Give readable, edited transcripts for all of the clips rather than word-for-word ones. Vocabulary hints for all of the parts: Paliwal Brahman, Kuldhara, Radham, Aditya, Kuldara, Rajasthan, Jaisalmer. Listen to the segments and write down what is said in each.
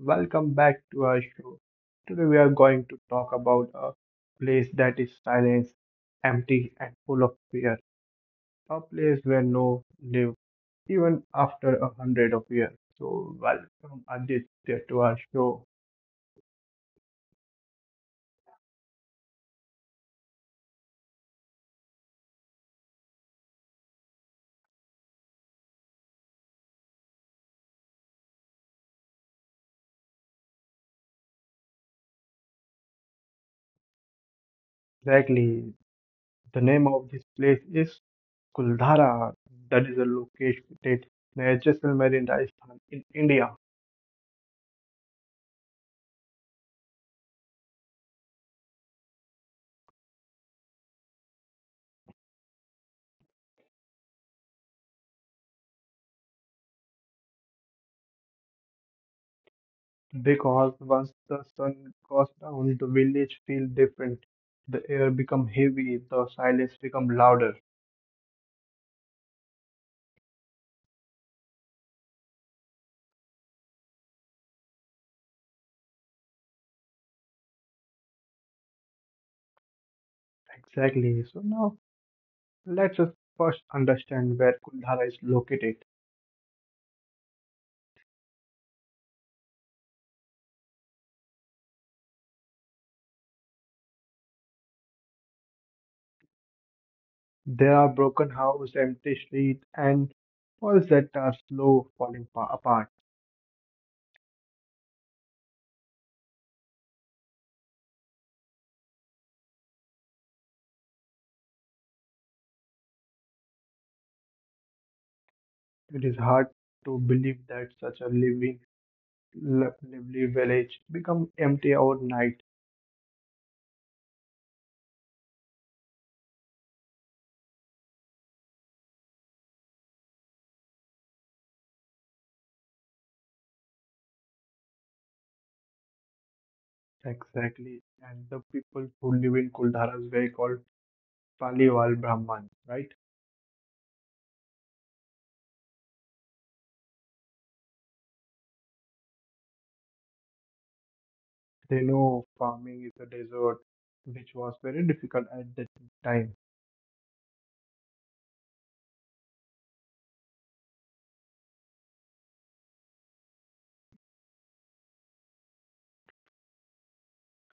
welcome back to our show. Today we are going to talk about a place that is silent, empty, and full of fear. A place where no live even after a 100 of years. So welcome Aditya to our show. Exactly, the name of this place is Kuldhara. That is a location located near Jaisalmer in Rajasthan in India. Because once the sun goes down, the village feels different. The air becomes heavy, the silence becomes louder. Exactly. So now let's us first understand where Kuldhara is located. There are broken houses, empty streets, and walls that are slow falling apart. It is hard to believe that such a living, lively village become empty overnight. Exactly. And the people who live in Kuldhara is very called Paliwal Brahman, right? They know farming is a desert which was very difficult at that time.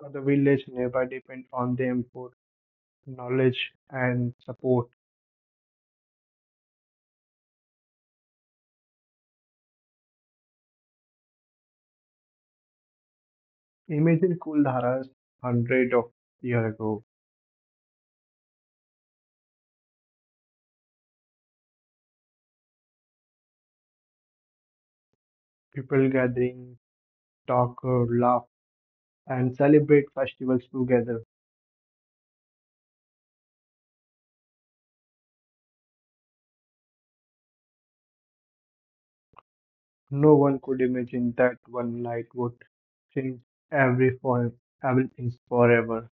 So the village nearby depend on them for knowledge and support. Imagine Kuldhara's 100 of years ago. People gathering, talk, laugh, and celebrate festivals together. No one could imagine that one night would change every for everything forever.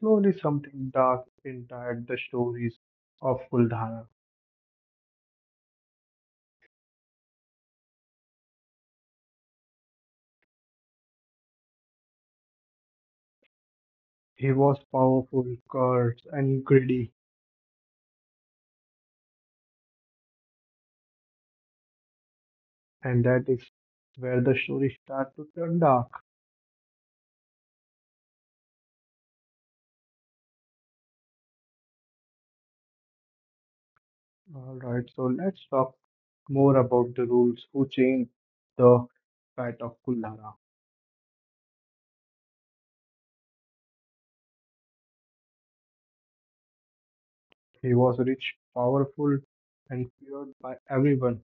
Slowly, something dark entered the stories of Kuldhara. He was powerful, cursed, and greedy, and that is where the story starts to turn dark. Alright, so let's talk more about the rules who changed the fate of Kuldhara. He was rich, powerful, and feared by everyone.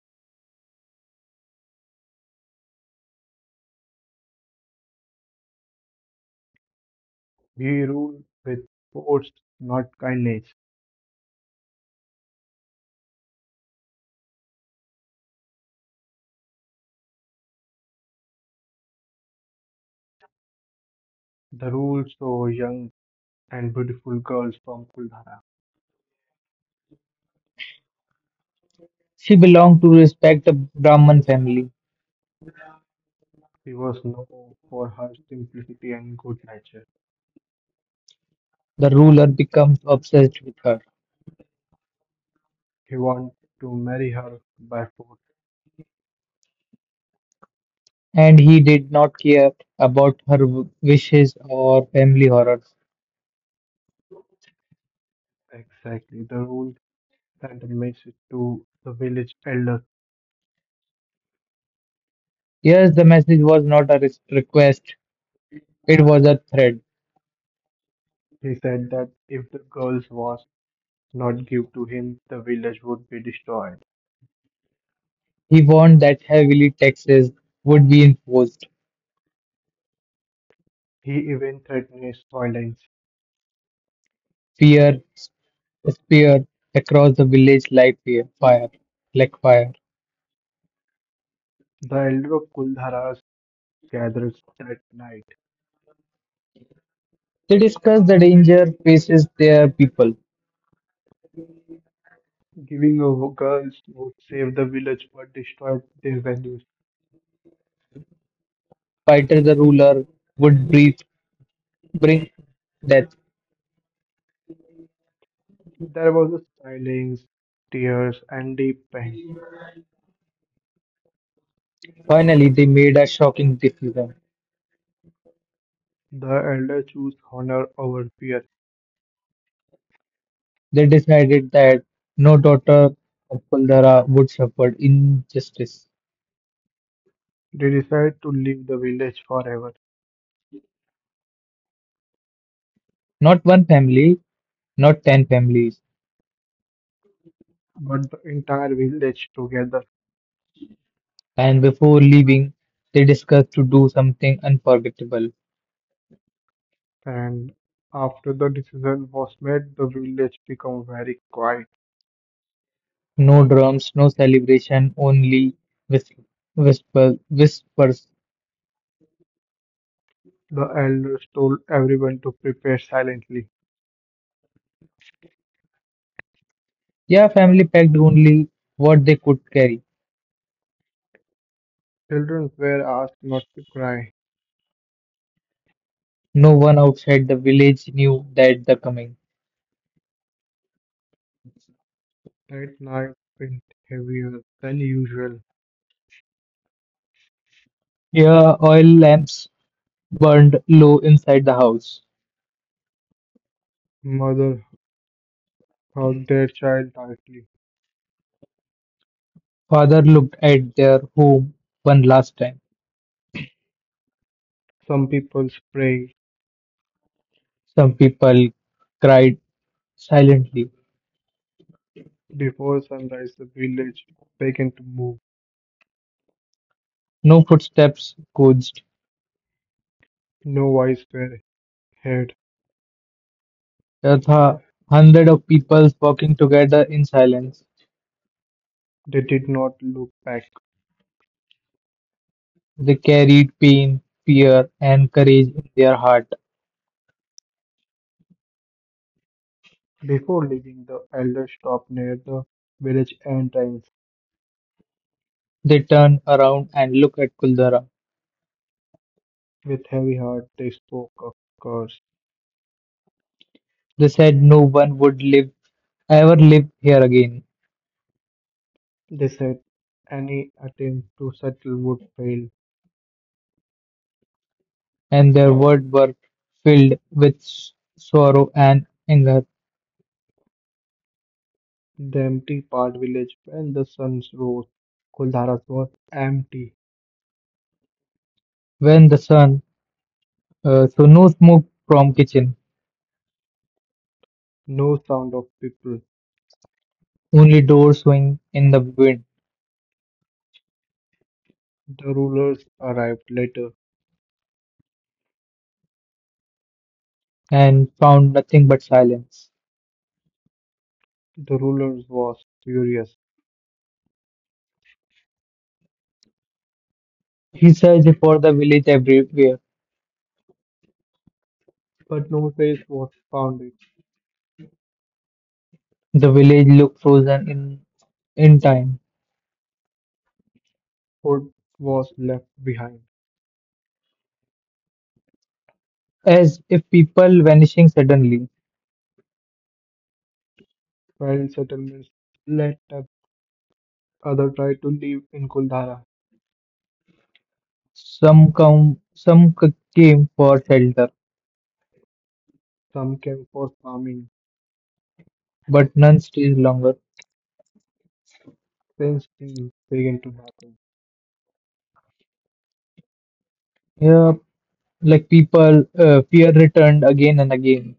He ruled with force, not kindness. The rules saw young and beautiful girls from Kuldhara. She belonged to a respected Brahman family. He was known for her simplicity and good nature. The ruler became obsessed with her, He wanted to marry her by force. and he did not care about her wishes or family horrors. Exactly, the rule sent a message to the village elders. Yes, the message was not a request, it was a threat. He said that if the girl was not given to him, the village would be destroyed. He warned that heavily taxes would be enforced. He even threatened violence. Fear speared across the village like fire. The elder of Kuldharas gathered that night. They discussed the danger faces their people. Giving a girls would save the village but destroyed their values. Fighter the ruler would breathe, bring death. There was a silence, tears, and deep pain. Finally, they made a shocking decision. The elder choose honor over fear. They decided that no daughter of Kuldara would suffer injustice. They decide to leave the village forever, Not one family, not 10 families. but the entire village together. And before leaving, they discussed to do something unforgettable. And after the decision was made, the village became very quiet. No drums, no celebration, only whis- whisper, whispers. The elders told everyone to prepare silently. Yeah, family packed only what they could carry. Children were asked not to cry. No one outside the village knew that the coming. That night went heavier than usual. Yeah, oil lamps burned low inside the house. Mother hugged their child tightly. Father looked at their home one last time. Some people prayed. Some people cried silently. Before sunrise, the village began to move. No footsteps coached. No eyes were Head. There were hundreds of people walking together in silence. They did not look back. They carried pain, fear, and courage in their heart. Before leaving, the elders stopped near the village entrance. They turned around and looked at Kuldara. With heavy heart, they spoke of curse. They said no one would live ever live here again, They said any attempt to settle would fail. and their words were filled with sorrow and anger. The empty part village, when the sun rose, Kuldharas was empty. When the sun, so no smoke from kitchen. No sound of people. Only doors swing in the wind, The rulers arrived later. and found nothing but silence. The rulers was furious, He searched for the village everywhere. but no place was found. The village looked frozen in time, Food was left behind. as if people vanishing suddenly. Wild settlements let up. Others tried to live in Kuldara. Some come, some came for shelter, Some came for farming. but none stays longer. Strange things began to happen. Yeah, like people, fear returned again and again.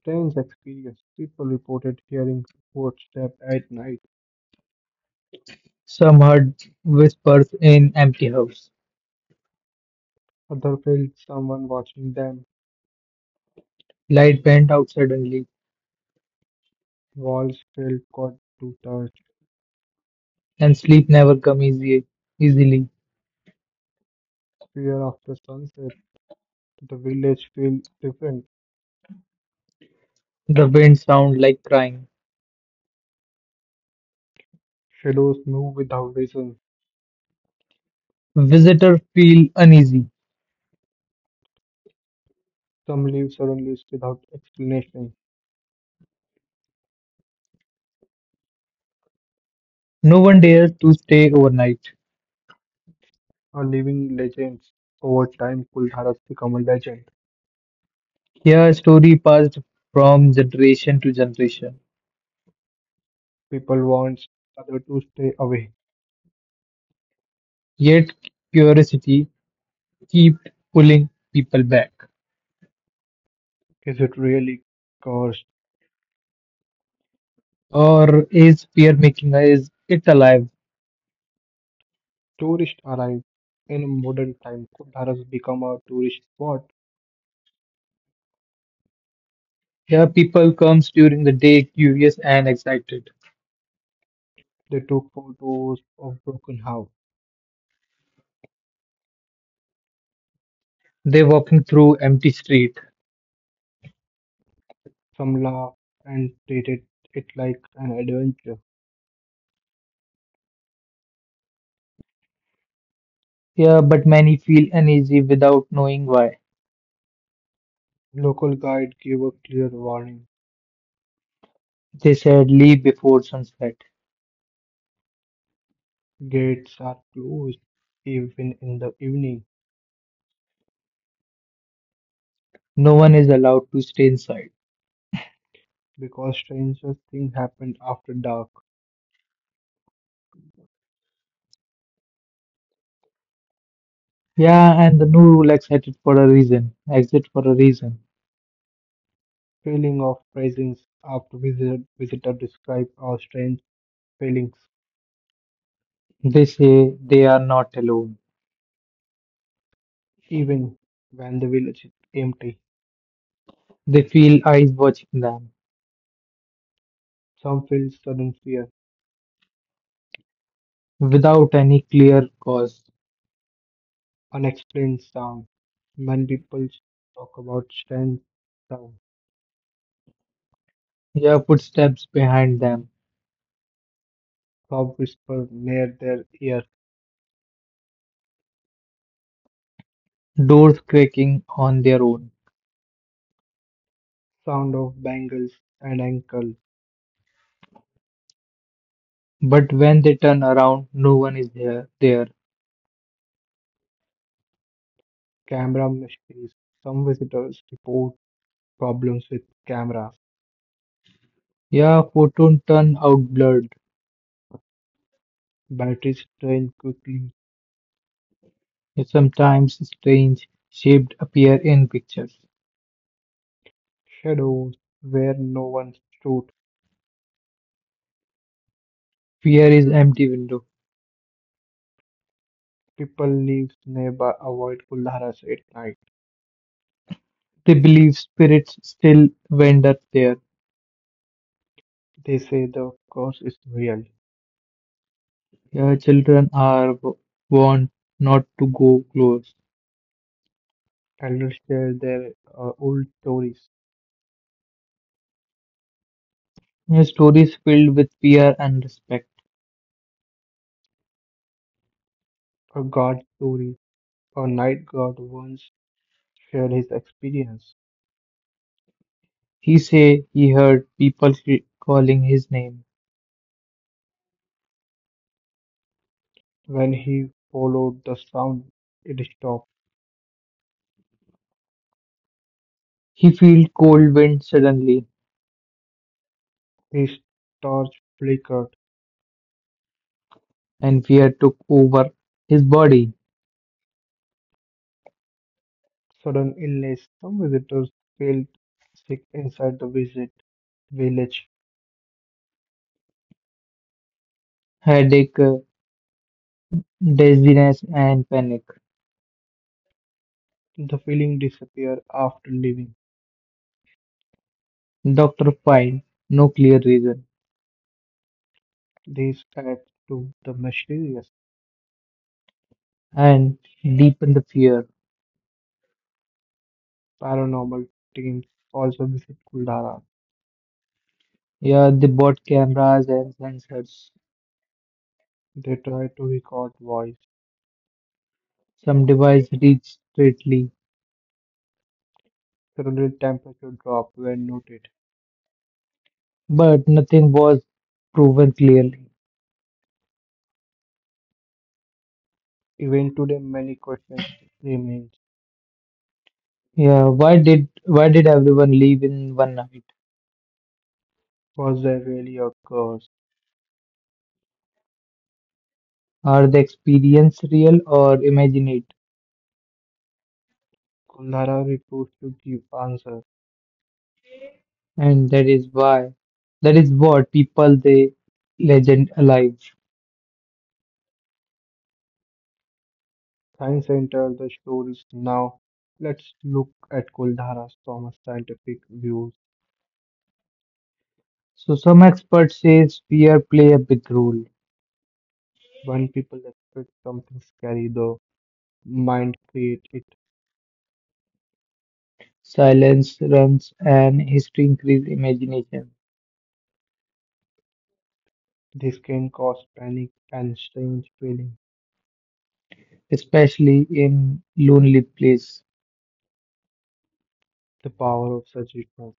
Strange experiences. People reported hearing footsteps at night. Some heard whispers in empty house. Others felt someone watching them. Light went out suddenly, Walls felt got to touch. and sleep never come easily. Fear after sunset. The village felt different. The wind sound like crying. Shadows move without reason. Visitors feel uneasy. Some leave suddenly without explanation. No one dares to stay overnight. Are living legends. Over time, Kuldara has become a legend. Here, a story passed from generation to generation. People want others to stay away. Yet, curiosity keeps pulling people back. Is it really? Because Or is fear making is it alive? tourists arrive in a modern time. Kolar has become a tourist spot. Here, people comes during the day curious and excited. They took photos of broken house, They walking through empty street. some laugh and treated it like an adventure. Here, but many feel uneasy without knowing why. Local guide gave a clear warning. They said leave before sunset. Gates are closed even in the evening No one is allowed to stay inside. because strangest things happened after dark. Yeah, and the new rule excited for a reason, exit for a reason. Feeling of presence after visitor describe our strange feelings They say they are not alone. even when the village is empty. They feel eyes watching them Some feel sudden fear, without any clear cause. unexplained sound. When people talk about strange sound, Yeah, footsteps behind them, crowd whisper near their ear, doors cracking on their own. sound of bangles and ankle, But when they turn around, no one is there. There. camera mysteries. Some visitors report problems with cameras, Yeah, photos turn out blurred. batteries drain quickly, Sometimes strange shapes appear in pictures. shadows where no one stood. Fear is empty window. People leave nearby avoid Kuldharas at night. They believe spirits still wander there. They say the curse is real. Yeah, children are warned not to go close. Elders share their old stories, His story is filled with fear and respect. or God stories. A night guard once shared his experience. He say he heard people calling his name. When he followed the sound, it stopped. He felt cold wind suddenly, His torch flickered. and fear took over his body. Sudden illness. Some visitors felt sick inside the visit village. Headache, dizziness, and panic. The feeling disappeared after leaving. Doctor find no clear reason These adds to the mysterious. and deepen the fear. Paranormal teams also visit Kuldara. Yeah, they bought cameras and sensors. They try to record voice. Some device reached straightly Suddenly temperature drop were noted. but nothing was proven clearly. Even today many questions remain. Yeah, why did everyone leave in one night? Was there really a curse? Are the experience real or imagined? Kuldhara refused to give answer. And that is what people they legend alive. Science entered the stories now. Let's look at Kuldhara from a scientific view. So some experts says fear play a big role. When people expect something scary, the mind creates it. Silence runs and history increase imagination, This can cause panic and strange feelings. especially in lonely place. The power of suggestion.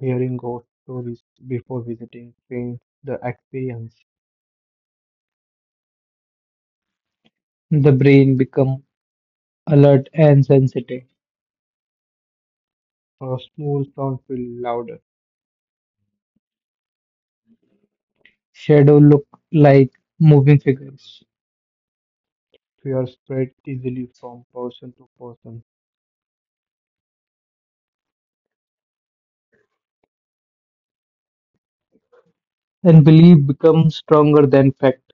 Hearing ghost stories before visiting paints the experience. The brain become alert and sensitive. A small sound feels louder. Shadow look like moving figures. Fear spreads easily from person to person. And belief becomes stronger than fact.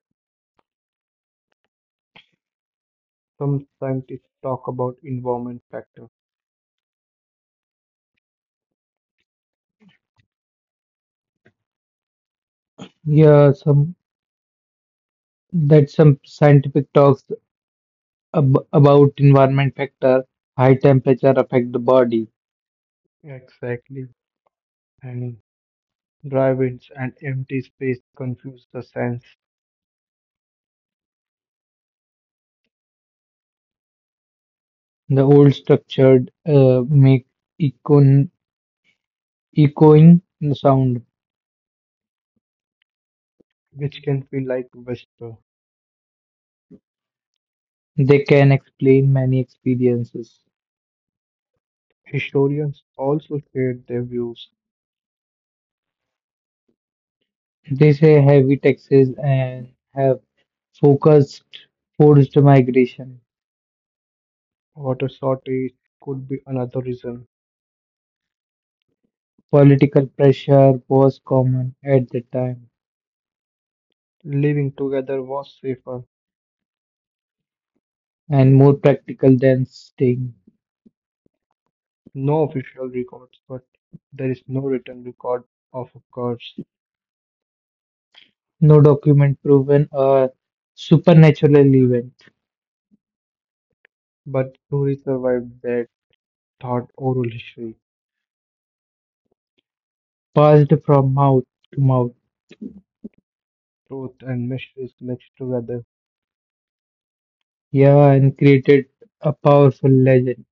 Some scientists talk about environment factor. Yeah, some scientific talks ab about environment factor, high temperature affect the body. Exactly. And dry winds and empty space confuse the sense, The old structured make econ echoing sound. which can feel like whisper. They can explain many experiences. Historians also shared their views. They say heavy taxes and have focused forced migration. Water shortage could be another reason. Political pressure was common at the time Living together was safer. and more practical than staying. No official records, but there is no written record of a curse. No document proven a supernatural event But stories survived that thought oral history. passed from mouth to mouth. Truth and mysteries mixed together. Yeah, and created a powerful legend.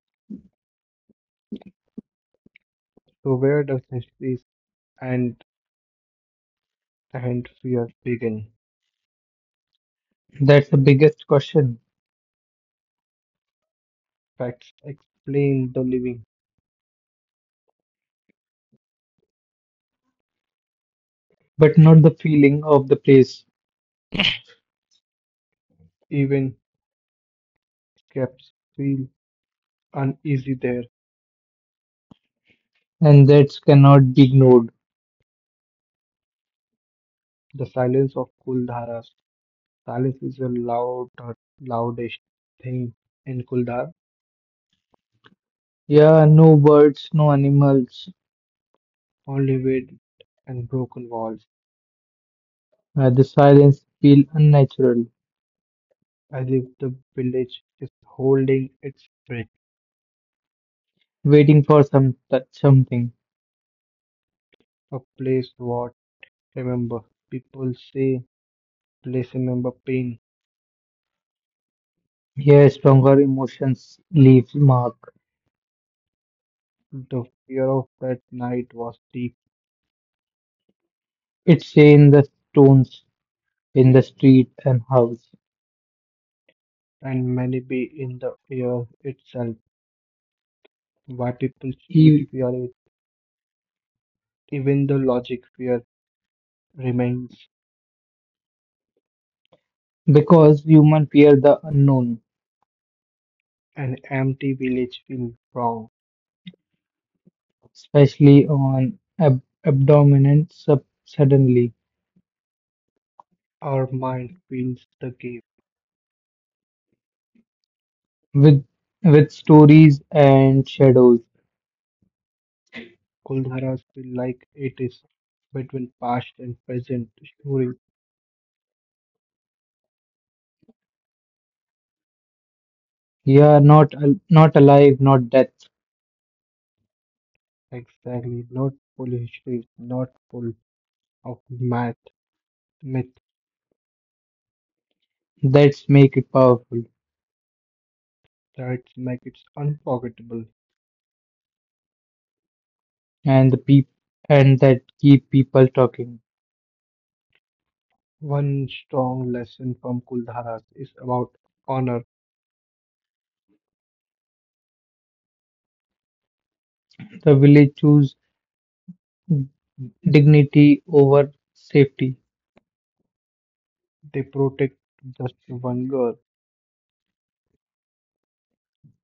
So where does history and and fear began. That's the biggest question, Facts explain the living. but not the feeling of the place, Even skeptics feel uneasy there. and that cannot be ignored. The silence of Kuldhara's. Silence is the loudest thing in Kuldhar, Yeah, no birds, no animals. only with and broken walls, The silence feel unnatural, as if the village is holding its breath. waiting for something. A place what remember. People say place remember pain. Yeah, stronger emotions leave mark. The fear of that night was deep It's in the stones, in the street and house. and many be in the air itself. Multiple street E- fear, even the logic fear remains. Because humans fear the unknown, An empty village feels wrong. especially on abdominal suddenly Our mind feels the gap. with with stories and shadows. Kuldharas feel like it is between past and present. Story Yeah, not alive, not death. exactly not full history, not full of math, myth That's make it powerful, that make it unforgettable. and the peop and that keep people talking. One strong lesson from Kuldharas is about honor. The village choose dignity over safety. They protect just one girl.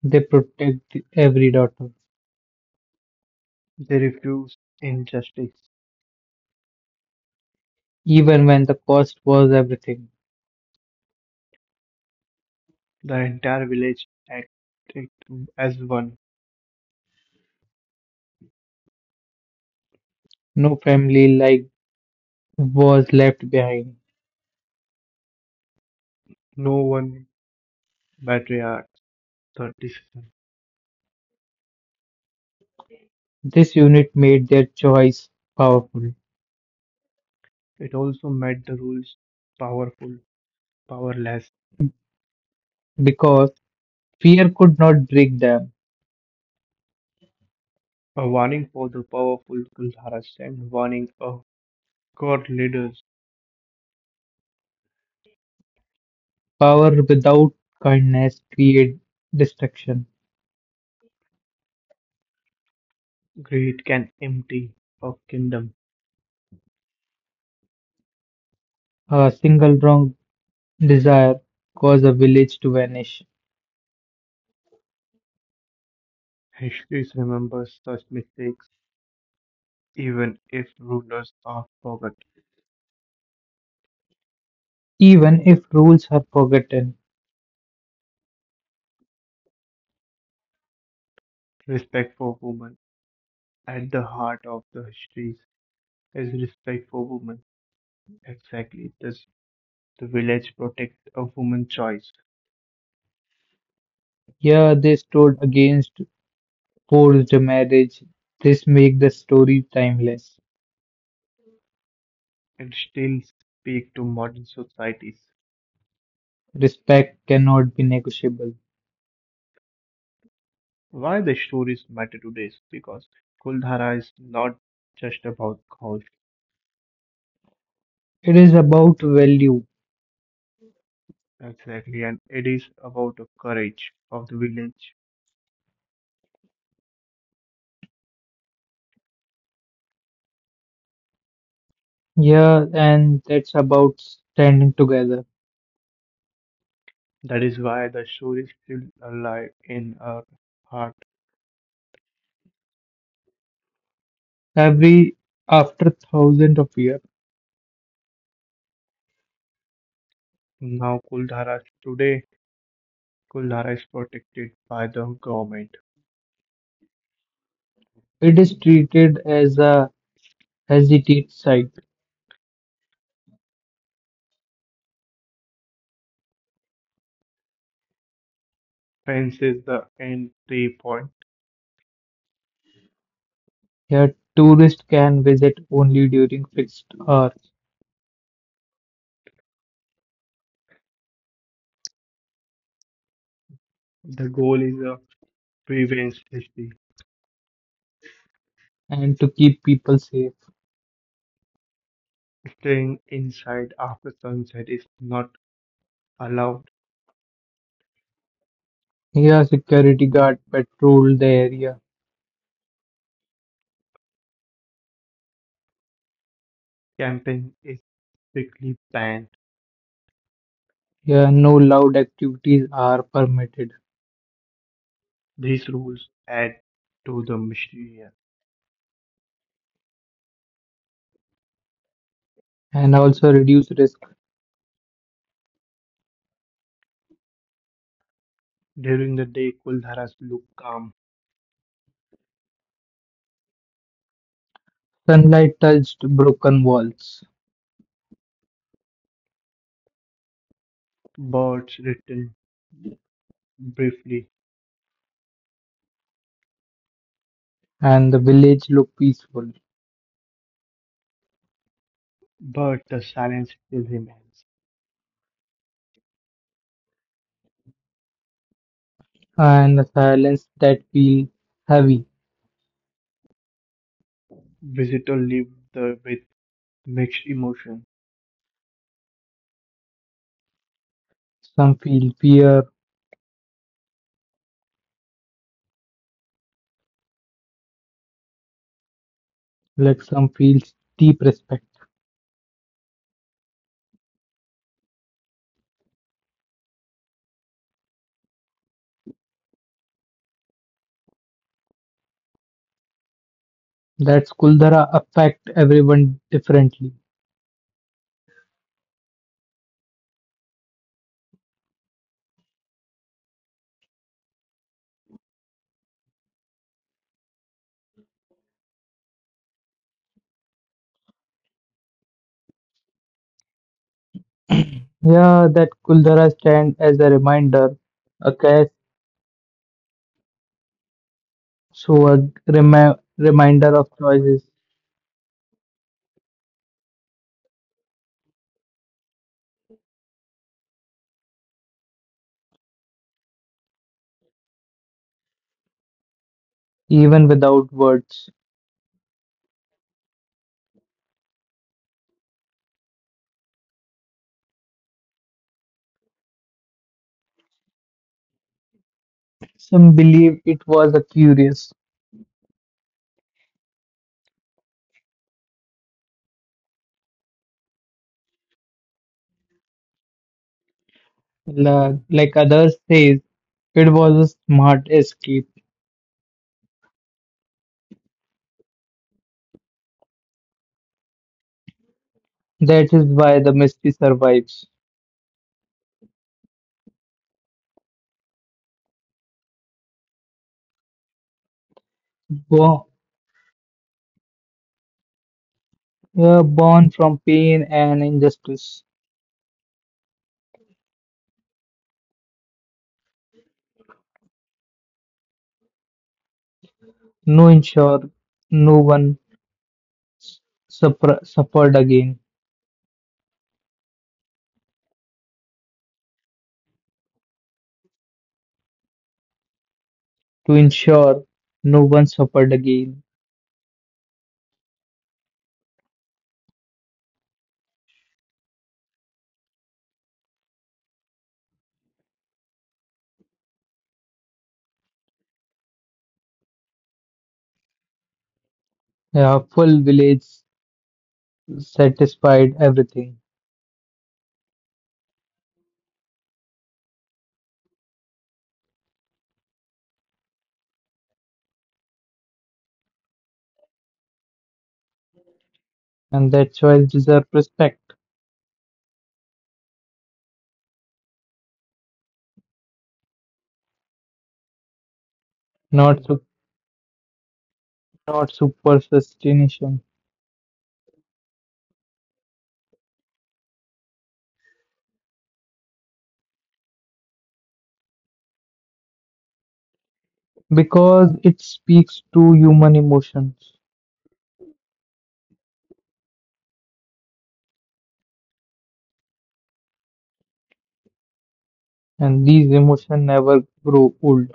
They protect every daughter, They refuse injustice. even when the cost was everything. The entire village acted as one. No family was left behind. No one patriarchs the decision. This unit made their choice powerful It also made the rules powerful, powerless. because fear could not break them. A warning for the powerful Kulharas and warning of God leaders. Power without kindness created destruction. Greed can empty a kingdom. A single wrong desire caused a village to vanish. History remembers such mistakes even if rulers are forgot. Even if rules are forgotten, Respect for women. At the heart of the histories is respect for women. Exactly. This The village protects a woman's choice here they stood against forced marriage. This makes the story timeless. and still speak to modern societies. Respect cannot be negotiable. Why the stories matter today is because Kuldhara is not just about ghosts It is about value. exactly, and it is about the courage of the village. Yeah, and that's about standing together. That is why the story is still alive in our heart. Every after thousands of years, Now Kuldhara today Kuldhara is protected by the government. it is treated as a heritage site. Fence is the entry point. Here, tourists can visit only during fixed hours The goal is a prevents history. and to keep people safe. Staying inside after sunset is not allowed. Here, security guards patrol the area. Camping is strictly banned. Here, no loud activities are permitted These rules add to the mysterious. and also reduce risk. During the day, Kuldharas look calm. Sunlight touched broken walls Birds return briefly, and the village look peaceful but the silence still remains. and the silence that feel heavy. Visitors leave with mixed emotions. Some feel fear, like some feel deep respect. That Kuldhara affect everyone differently. Yeah, that Kuldhara stand as a reminder, a cash, so a reminder of choices, even without words. Some believe it was a curious, like others says, it was a smart escape. That is why the mystery survives. Born, yeah, born from pain and injustice, no ensure, no one suffered again. To ensure no one suffered again, a full village satisfied everything, and that choice deserves respect, not su- not superstition, because it speaks to human emotions, and these emotions never grow old.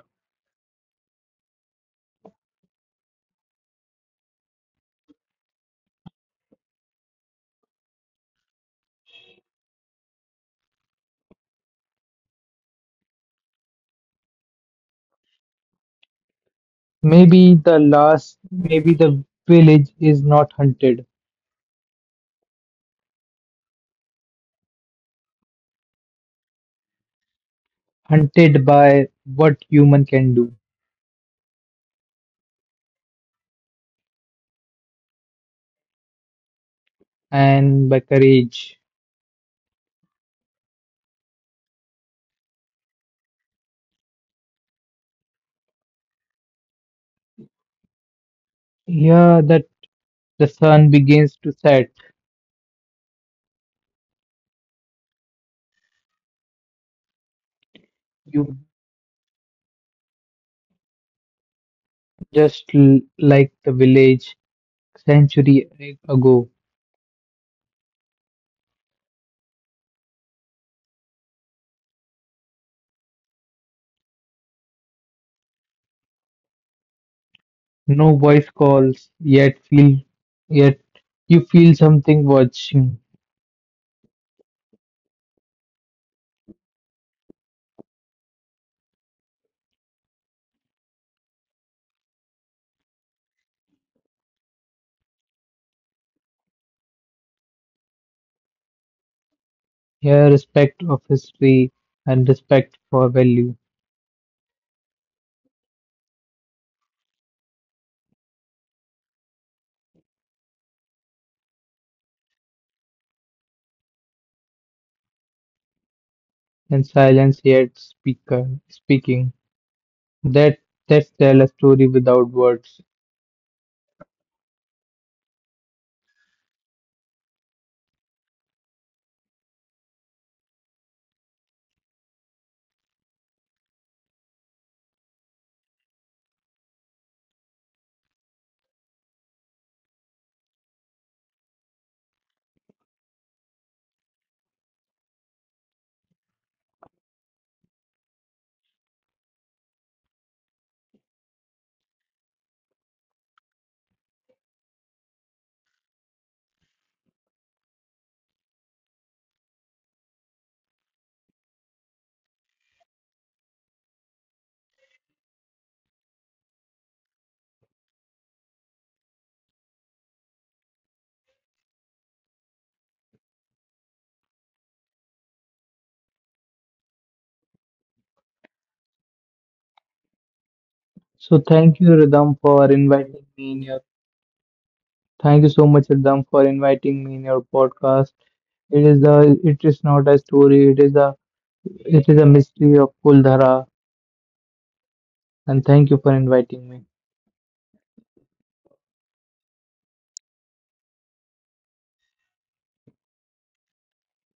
Maybe the village is not hunted by what human can do and by courage. Yeah, that the sun begins to set. You Just like the village century ago, no voice calls, yet you feel something watching. Here, respect of history and respect for value, and silence yet speaker speaking. That that's tell a story without words. So thank you, Radham, for inviting me in your. Thank you so much, Radham, for inviting me in your podcast. It is the. It is not a story. It is a. It is a mystery of Kuldhara. And thank you for inviting me.